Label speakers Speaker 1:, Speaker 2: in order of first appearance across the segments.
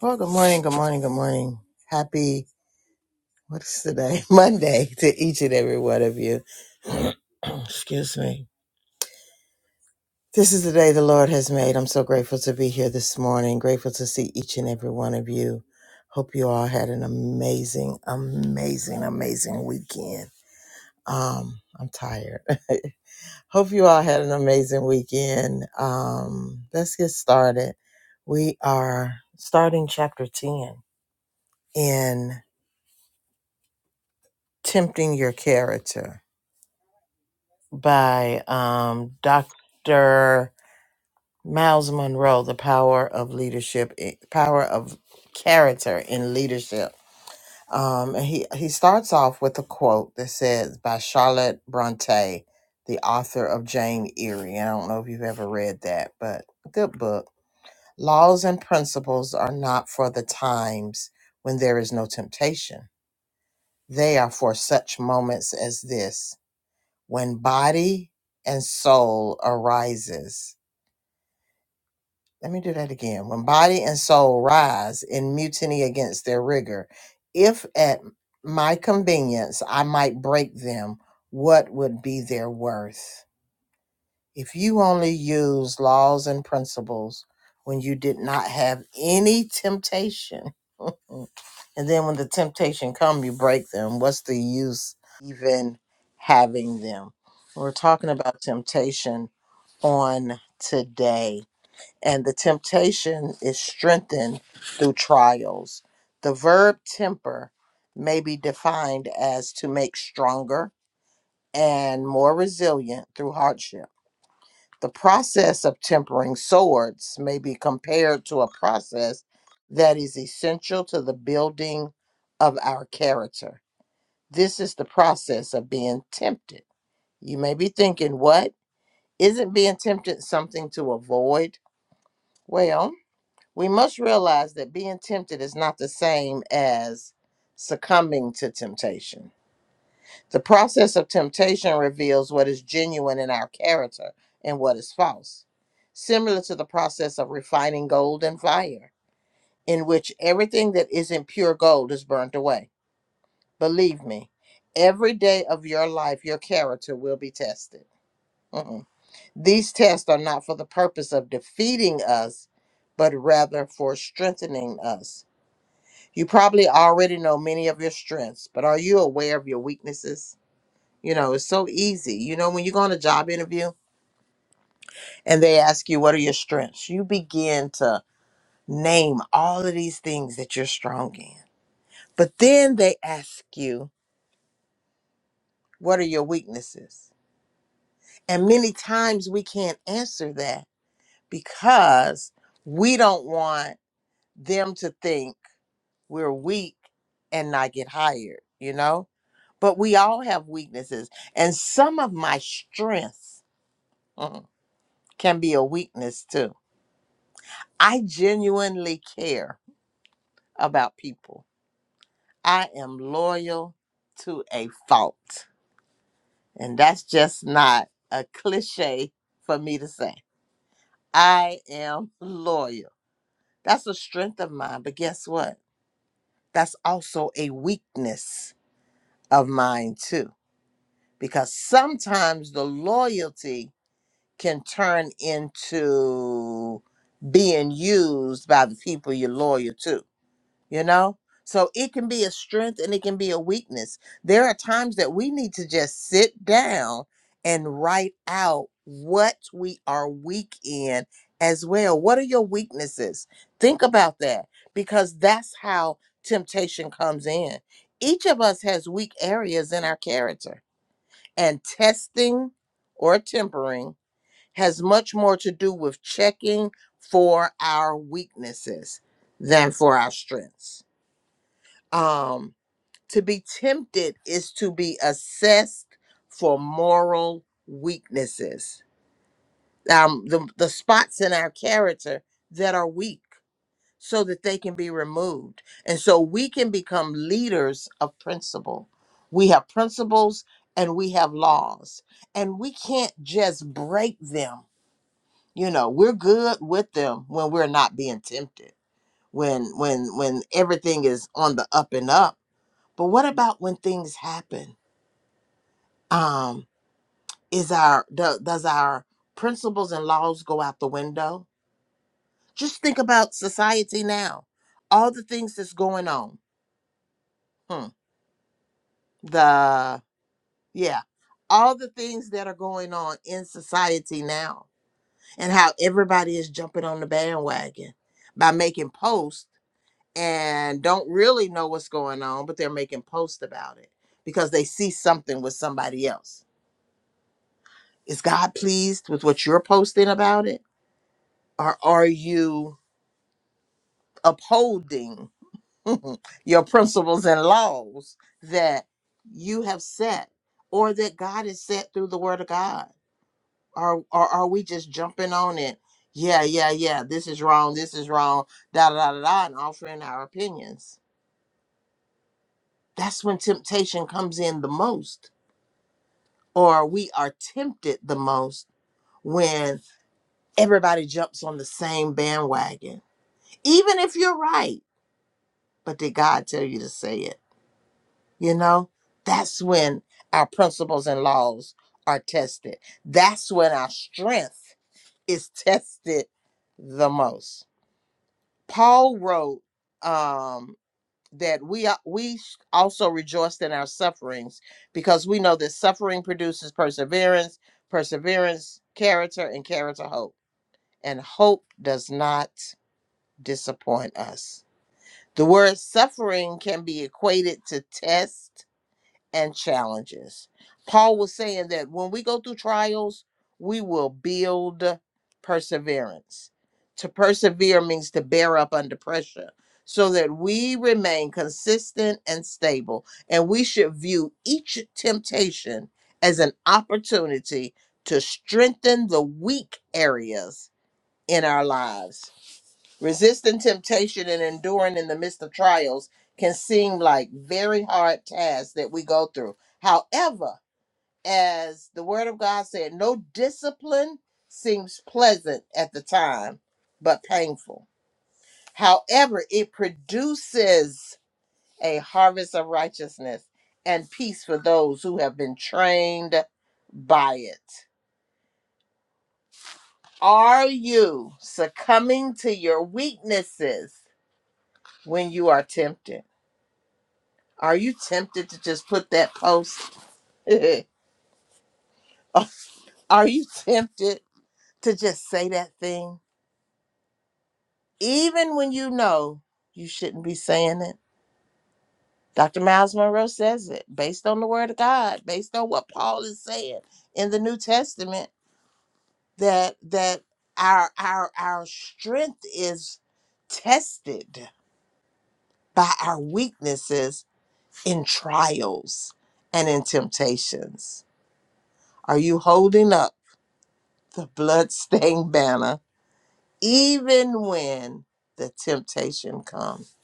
Speaker 1: Well, good morning, good morning, good morning. Happy, what is today? Monday to each and every one of you. Excuse me. This is the day the Lord has made. I'm so grateful to be here this morning, grateful to see each and every one of you. Hope you all had an amazing, amazing, amazing weekend. Um, I'm tired. Hope you all had an amazing weekend. Um, let's get started. We are starting chapter 10 in Tempting Your Character by um, Dr. Miles Monroe, The Power of Leadership, eh, Power of Character in Leadership. Um, and he, he starts off with a quote that says, by Charlotte Bronte, the author of Jane Eyre. And I don't know if you've ever read that, but good book. Laws and principles are not for the times when there is no temptation. They are for such moments as this when body and soul arises. Let me do that again. When body and soul rise in mutiny against their rigor, if at my convenience I might break them, what would be their worth? If you only used laws and principles when you did not have any temptation, and then when the temptation come, you break them. What's the use even having them? We're talking about temptation on today. And the temptation is strengthened through trials. The verb temper may be defined as to make stronger and more resilient through hardship. The process of tempering swords may be compared to a process that is essential to the building of our character. This is the process of being tempted. You may be thinking, what? Isn't being tempted something to avoid? Well, we must realize that being tempted is not the same as succumbing to temptation. The process of temptation reveals what is genuine in our character and what is false, similar to the process of refining gold in fire, in which everything that isn't pure gold is burnt away. Believe me, every day of your life, your character will be tested. Mm-mm. These tests are not for the purpose of defeating us, but rather for strengthening us. You probably already know many of your strengths, but are you aware of your weaknesses? You know, it's so easy. You know, when you go on a job interview and they ask you, what are your strengths? You begin to name all of these things that you're strong in. But then they ask you, what are your weaknesses? And many times we can't answer that because we don't want them to think we're weak and not get hired, you know? But we all have weaknesses. And some of my strengths mm, can be a weakness too I genuinely care about people. I am loyal to a fault. And that's just not a cliche for me to say. I am loyal. That's a strength of mine. But guess what? That's also a weakness of mine, too. Because sometimes the loyalty can turn into being used by the people you're loyal to you know so it can be a strength and it can be a weakness there are times that we need to just sit down and write out what we are weak in as well what are your weaknesses think about that because that's how temptation comes in each of us has weak areas in our character and testing or tempering has much more to do with checking for our weaknesses than for our strengths um to be tempted is to be assessed for moral weaknesses um the, the spots in our character that are weak so that they can be removed and so we can become leaders of principle we have principles and we have laws and we can't just break them you know we're good with them when we're not being tempted when when when everything is on the up and up but what about when things happen? Um, is our do, does our principles and laws go out the window? Just think about society now. All the things that's going on. Hmm. The yeah, all the things that are going on in society now, and how everybody is jumping on the bandwagon by making posts and don't really know what's going on, but they're making posts about it because they see something with somebody else Is God pleased with what you're posting about it? Or are you upholding your principles and laws that you have set or that God has set through the word of God? Or, or are we just jumping on it? Yeah, yeah, yeah. This is wrong. This is wrong. Da da da da, da, and offering our opinions. That's when temptation comes in the most, or we are tempted the most when everybody jumps on the same bandwagon even if you're right. But did God tell you to say it? You know, that's when our principles and laws are tested. That's when our strength is tested the most. Paul wrote um, that we are, we also rejoiced in our sufferings because we know that suffering produces perseverance, perseverance, character, and character hope. And hope does not disappoint us The word suffering can be equated to tests and challenges. Paul was saying that when we go through trials, we will build perseverance. To persevere means to bear up under pressure so that we remain consistent and stable. And we should view each temptation as an opportunity to strengthen the weak areas in our lives Resisting temptation and enduring in the midst of trials can seem like very hard tasks that we go through. However, as the word of God said, no discipline seems pleasant at the time, but painful. However, it produces a harvest of righteousness and peace for those who have been trained by it. Are you succumbing to your weaknesses when you are tempted? Are you tempted to just put that post? Are you tempted to just say that thing? Even when you know you shouldn't be saying it. Dr. Miles Monroe says it based on the word of God, based on what Paul is saying in the New Testament, that that our our our strength is tested by our weaknesses in trials and in temptations. Are you holding up the bloodstained banner even when the temptation comes?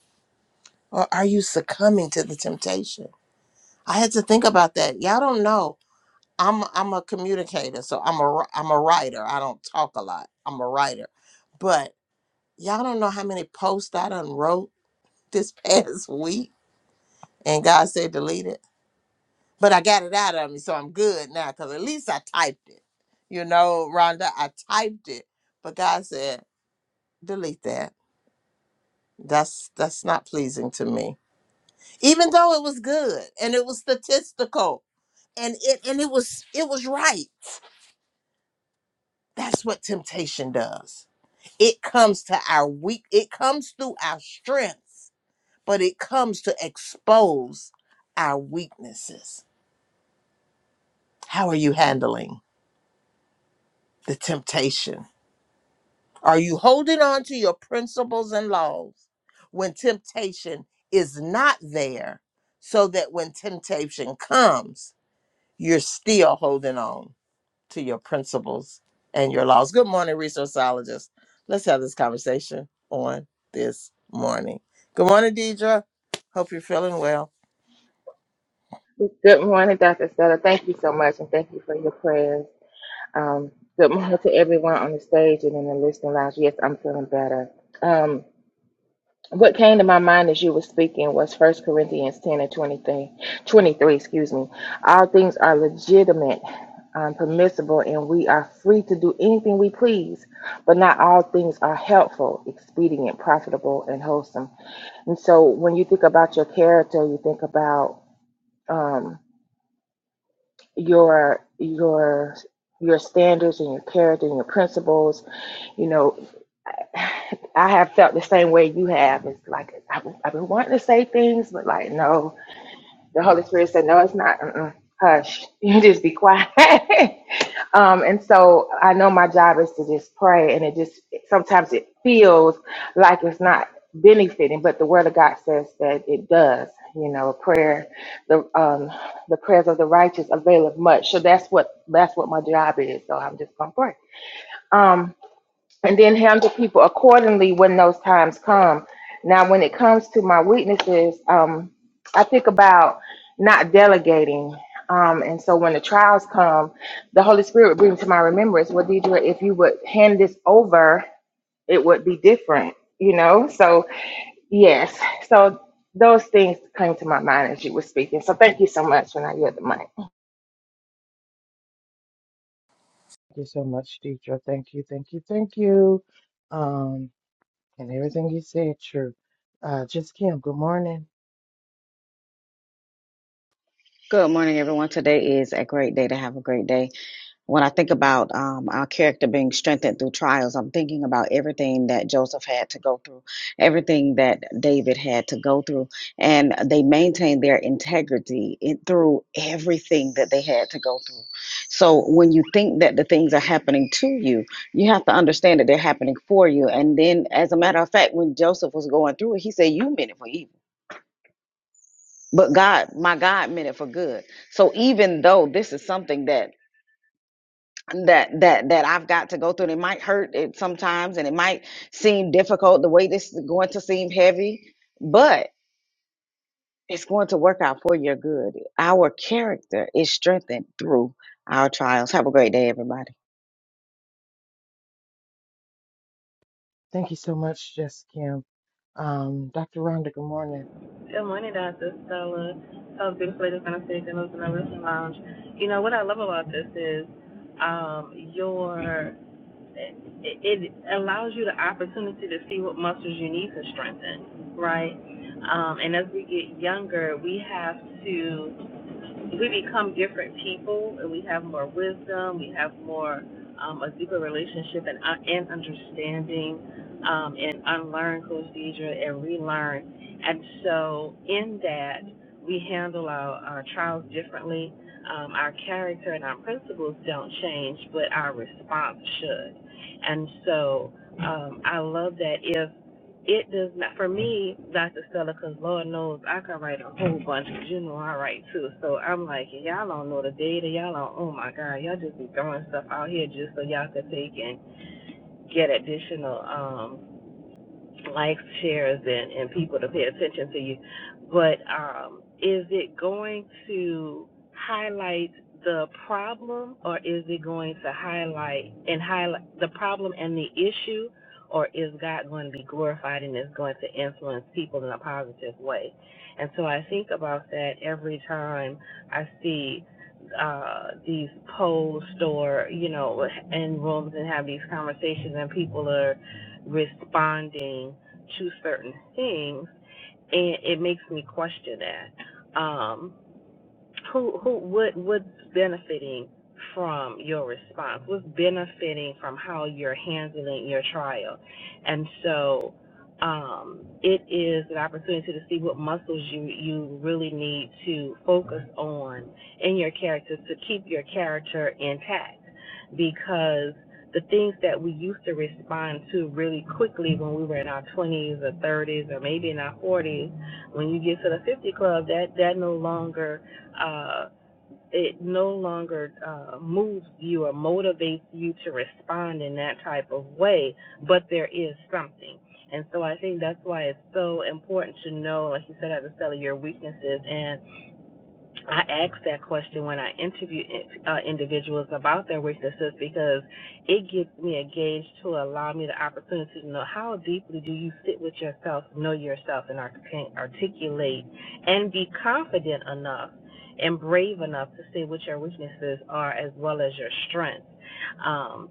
Speaker 1: Or are you succumbing to the temptation? I had to think about that. Y'all don't know. I'm I'm a communicator, so I'm a wri- I'm a writer. I don't talk a lot. I'm a writer, but y'all don't know how many posts I done wrote this past week, and God said delete it. But I got it out of me, so I'm good now. Cause at least I typed it. You know, Rhonda, I typed it, but God said delete that. That's that's not pleasing to me even though it was good and it was statistical and it and it was it was right that's what temptation does it comes to our weak it comes through our strengths but it comes to expose our weaknesses how are you handling the temptation are you holding on to your principles and laws when temptation is not there so that when temptation comes you're still holding on to your principles and your laws. Good morning, resourceologists. Let's have this conversation on this morning. Good morning, Deidre. Hope you're feeling well.
Speaker 2: Good morning, Dr. Stella. Thank you so much, and thank you for your prayers. Um, good morning to everyone on the stage and in the listening lounge. Yes, I'm feeling better. Um, what came to my mind as you were speaking was First Corinthians 10 and 23, 23 excuse me. All things are legitimate, um, permissible, and we are free to do anything we please, but not all things are helpful, expedient, profitable, and wholesome. And so when you think about your character, you think about um, your your your standards and your character and your principles. You know, I have felt the same way you have. It's like I've, I've been wanting to say things, but like no, the Holy Spirit said, "No, it's not. Mm-mm. Hush. You just be quiet." um, and so I know my job is to just pray, and it just sometimes it feels like it's not benefiting, but the Word of God says that it does. You know, prayer, the um, the prayers of the righteous availeth much. So that's what that's what my job is. So I'm just gonna pray. Um, and then handle people accordingly when those times come. Now, when it comes to my weaknesses, um, I think about not delegating. Um, and so when the trials come, the Holy Spirit would bring to my remembrance, well, Deidre, if you would hand this over, it would be different, you know? So, yes. So those things came to my mind as you were speaking. So thank you so much when I heard the mic.
Speaker 1: you, uh, Dr. uh,
Speaker 3: Good morning, everyone. Today is a great day to have a great day. When I think about um, our character being strengthened through trials, I'm thinking about everything that Joseph had to go through, everything that David had to go through, and they maintained their integrity in, through everything that they had to go through. So when you think that the things are happening to you, you have to understand that they're happening for you. And then, as a matter of fact, when Joseph was going through it, he said, "You meant it for evil." but God, my God meant it for good. So even though this is something that that that that I've got to go through, and it might hurt it sometimes, and it might seem difficult the way this is going to seem heavy, but it's going to work out for your good. Our character is strengthened through our trials. Have a great day, everybody.
Speaker 1: thank you so much, Jess Kim. Um, Dr. Rhonda, good morning.
Speaker 4: Good morning, Dr. Stella. So beautiful lady from the stage and lives in the listening lounge. You know what I love about this is um, your it, it allows you the opportunity to see what muscles you need to strengthen, right? Um, and as we get younger, we have to we become different people and we have more wisdom, we have more um, a deeper relationship and, uh, and understanding um, and unlearn, Coach Deidre, and relearn and so, in that, we handle our, our trials differently. Um, our character and our principles don't change, but our response should. And so, um, I love that if it does not, for me, Dr. Stella, because Lord knows I can write a whole bunch, 'cause you know I write too. So I'm like, y'all don't know the data. Y'all don't, oh my God, y'all just be throwing stuff out here just so y'all could take and get additional. um, likes, shares, and, and people to pay attention to you. But um, is it going to highlight the problem, or is it going to highlight and highlight the problem and the issue, or is God going to be glorified and is going to influence people in a positive way? And so I think about that every time I see uh these polls or you know in rooms and have these conversations and people are responding to certain things and it makes me question that. Um who who what what's benefiting from your response what's benefiting from how you're handling your trial and so um, it is an opportunity to see what muscles you you really need to focus on in your character to keep your character intact because the things that we used to respond to really quickly when we were in our 20s or 30s or maybe in our 40s when you get to the 50 club that that no longer uh, it no longer uh, moves you or motivates you to respond in that type of way, but there is something. And so I think that's why it's so important to know, like you said, at the cellar, your weaknesses. and. I ask that question when I interview uh, individuals about their weaknesses because it gives me a gauge to allow me the opportunity to know how deeply do you sit with yourself, know yourself, and articulate and be confident enough and brave enough to say what your weaknesses are as well as your strengths. Um,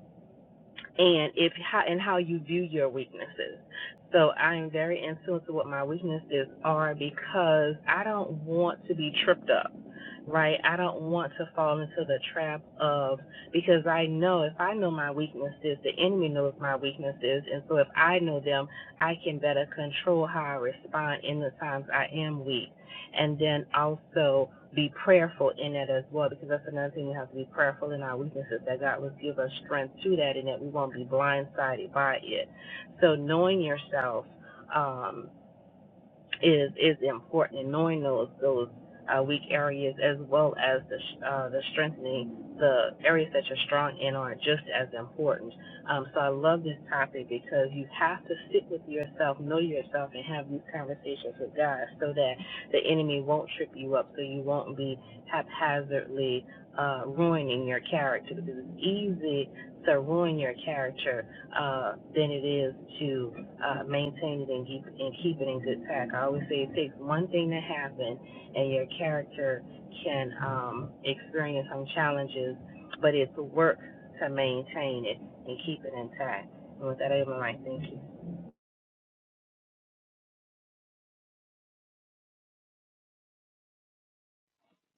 Speaker 4: and if how and how you view your weaknesses. So I am very in tune to what my weaknesses are because I don't want to be tripped up, right? I don't want to fall into the trap of because I know if I know my weaknesses, the enemy knows my weaknesses, and so if I know them, I can better control how I respond in the times I am weak and then also be prayerful in it as well, because that's another thing we have to be prayerful in our weaknesses, that God will give us strength to that and that we won't be blindsided by it. So knowing yourself, um, is is important in knowing those those uh, weak areas as well as the uh, the strengthening the areas that you're strong in are just as important. Um, so I love this topic because you have to sit with yourself, know yourself, and have these conversations with God so that the enemy won't trip you up, so you won't be haphazardly uh, ruining your character because it's easy to ruin your character uh, than it is to uh, maintain it and keep, and keep it in good tact. I always say it takes one thing to happen and your character can um, experience some challenges, but it's work to maintain it and keep it intact. And with that, I'm like, thank you.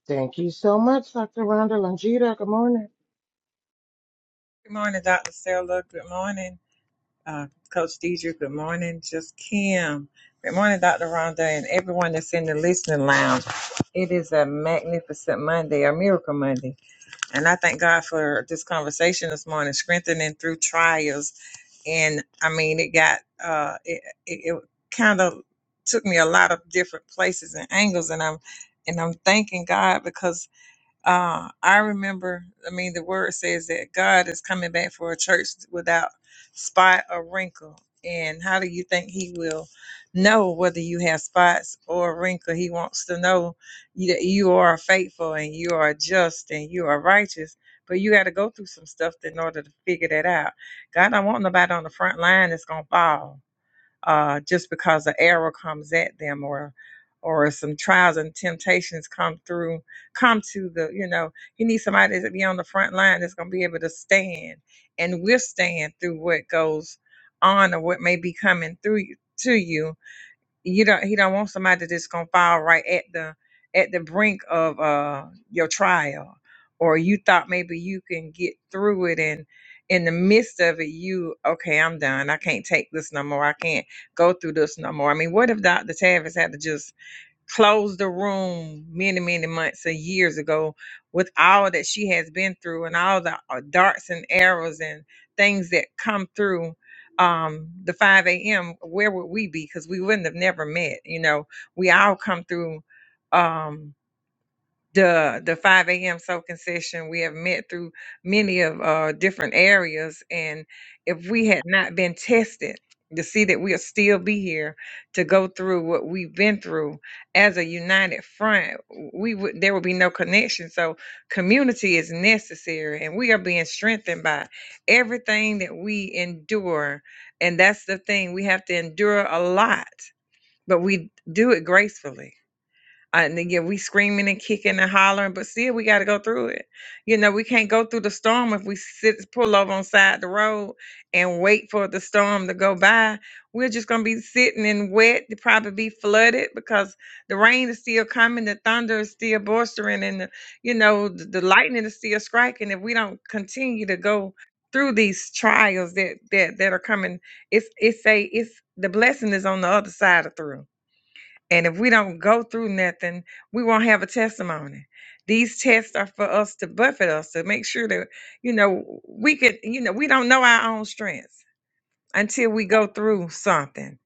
Speaker 1: Thank you so much, Dr. Rhonda. Longita, good morning.
Speaker 5: Good morning, Dr. Stella. Good morning, uh, Coach Deidre. Good morning, Just Kim. Good morning, Dr. Rhonda, and everyone that's in the listening lounge. It is a magnificent Monday, a miracle Monday. And I thank God for this conversation this morning, strengthening through trials. And I mean, it got, uh, it, it, it kind of took me a lot of different places and angles. And I'm, and I'm thanking God uh, I remember, I mean, the word says that God is coming back for a church without spot or wrinkle. And how do you think He will know whether you have spots or wrinkle? He wants to know you- that you are faithful and you are just and you are righteous. But you got to go through some stuff in order to figure that out. God don't want nobody on the front line that's gonna fall uh, just because an error comes at them or or some trials and temptations come through come to the you know you need somebody to be on the front line that's going to be able to stand and withstand through what goes on or what may be coming through you, to you you don't he don't want somebody that's gonna fall right at the at the brink of uh your trial or you thought maybe you can get through it and in the midst of it you okay i'm done i can't take this no more i can't go through this no more i mean what if dr tavis had to just closed the room many, many months or years ago with all that she has been through and all the uh, darts and arrows and things that come through um, the 5 a.m., where would we be? Because we wouldn't have never met. You know, we all come through. Um, the the 5 a.m. soaking session. We have met through many of uh, different areas, and if we had not been tested to see that we'll still be here to go through what we've been through as a united front, we would there would be no connection. So community is necessary, and we are being strengthened by everything that we endure, and that's the thing we have to endure a lot, but we do it gracefully uh, and then, yeah, we screaming and kicking and hollering, but still we got to go through it. You know, we can't go through the storm if we sit pull over on side the road and wait for the storm to go by. We're just gonna be sitting in wet, to probably be flooded because the rain is still coming, the thunder is still bolstering, and the, you know the, the lightning is still striking. If we don't continue to go through these trials that that that are coming, it's it's a it's the blessing is on the other side of through and if we don't go through nothing, we won't have a testimony. These tests are for us to buffet us to make sure that, you know, we could, you know, we don't know our own strengths until we go through something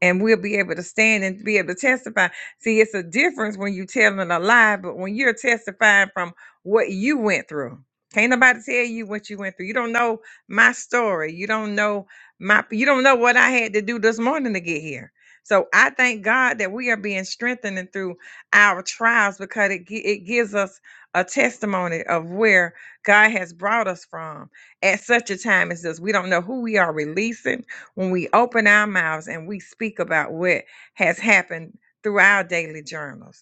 Speaker 5: and we'll be able to stand and be able to testify. See, it's a difference when you're telling a lie, but when you're testifying from what you went through, can't nobody tell you what you went through. You don't know my story. You don't know my. You don't know what I had to do this morning to get here. So I thank God that we are being strengthened and through our trials because it gi- it gives us a testimony of where God has brought us from at such a time as this. We don't know who we are releasing when we open our mouths and we speak about what has happened through our daily journals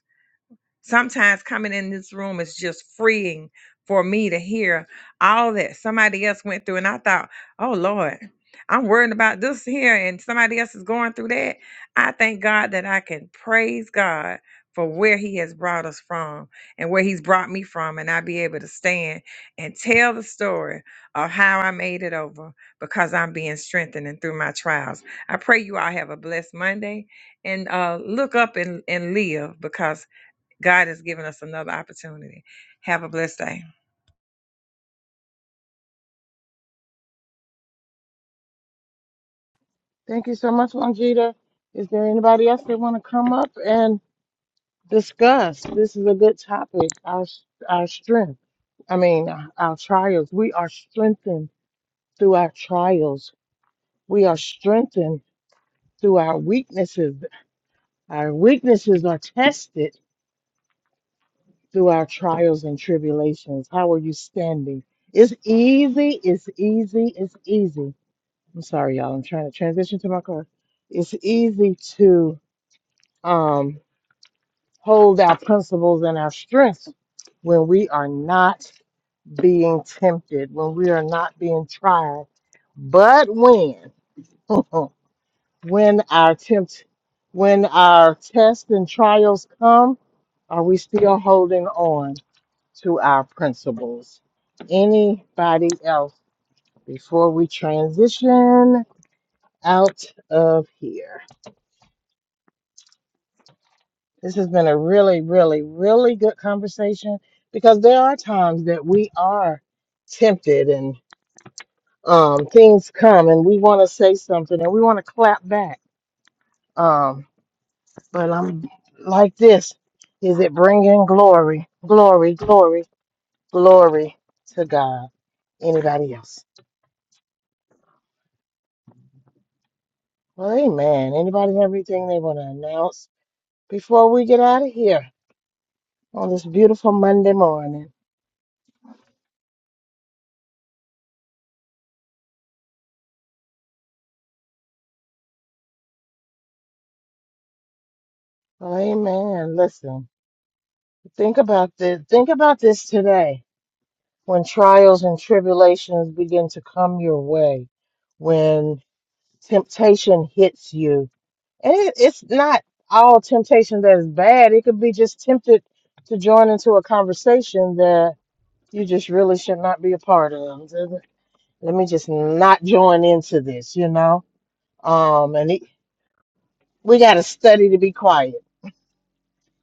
Speaker 5: Sometimes coming in this room is just freeing for me to hear all that somebody else went through. And I thought, oh Lord, I'm worried about this here and somebody else is going through that. I thank God that I can praise God for where He has brought us from and where He's brought me from. And I be able to stand and tell the story of how I made it over because I'm being strengthened and through my trials. I pray you all have a blessed Monday and uh, look up and, and live because God has given us another opportunity. Have a blessed day.
Speaker 1: Thank you so much, Longita. Is there anybody else that want to come up and discuss? This is a good topic. Our our strength. I mean, our trials. We are strengthened through our trials. We are strengthened through our weaknesses. Our weaknesses are tested through our trials and tribulations. How are you standing? It's easy, it's easy, it's easy. I'm sorry, y'all. I'm trying to transition to my car. It's easy to um, hold our principles and our strength when we are not being tempted, when we are not being tried. But when? when our tempt when our tests and trials come are we still holding on to our principles anybody else before we transition out of here this has been a really really really good conversation because there are times that we are tempted and um, things come and we want to say something and we want to clap back Um, But I'm like this. Is it bringing glory, glory, glory, glory to God? Anybody else? Well, amen. Anybody have anything they want to announce before we get out of here on this beautiful Monday morning? Well, amen. Listen, think about this. Think about this today when trials and tribulations begin to come your way, when temptation hits you And it, it's not all temptation that is bad. It could be just tempted to join into a conversation that you just really should not be a part of. Let me just not join into this, you know? Um, and it, we got to study to be quiet.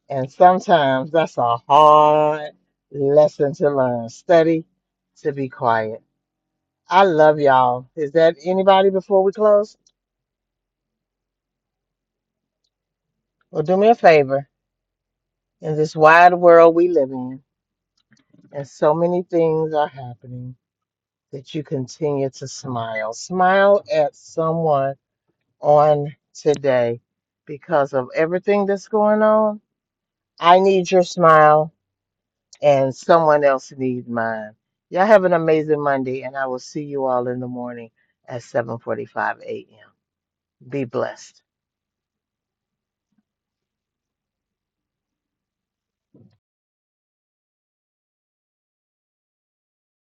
Speaker 1: And sometimes that's a hard lesson to learn. Study to be quiet. I love y'all. Is that anybody before we close? Well, do me a favor in this wide world we live in. And so many things are happening that you continue to smile. Smile at someone on today because of everything that's going on. I need your smile, and someone else needs mine. Y'all have an amazing Monday, and I will see you all in the morning at 7:45 a.m. Be blessed.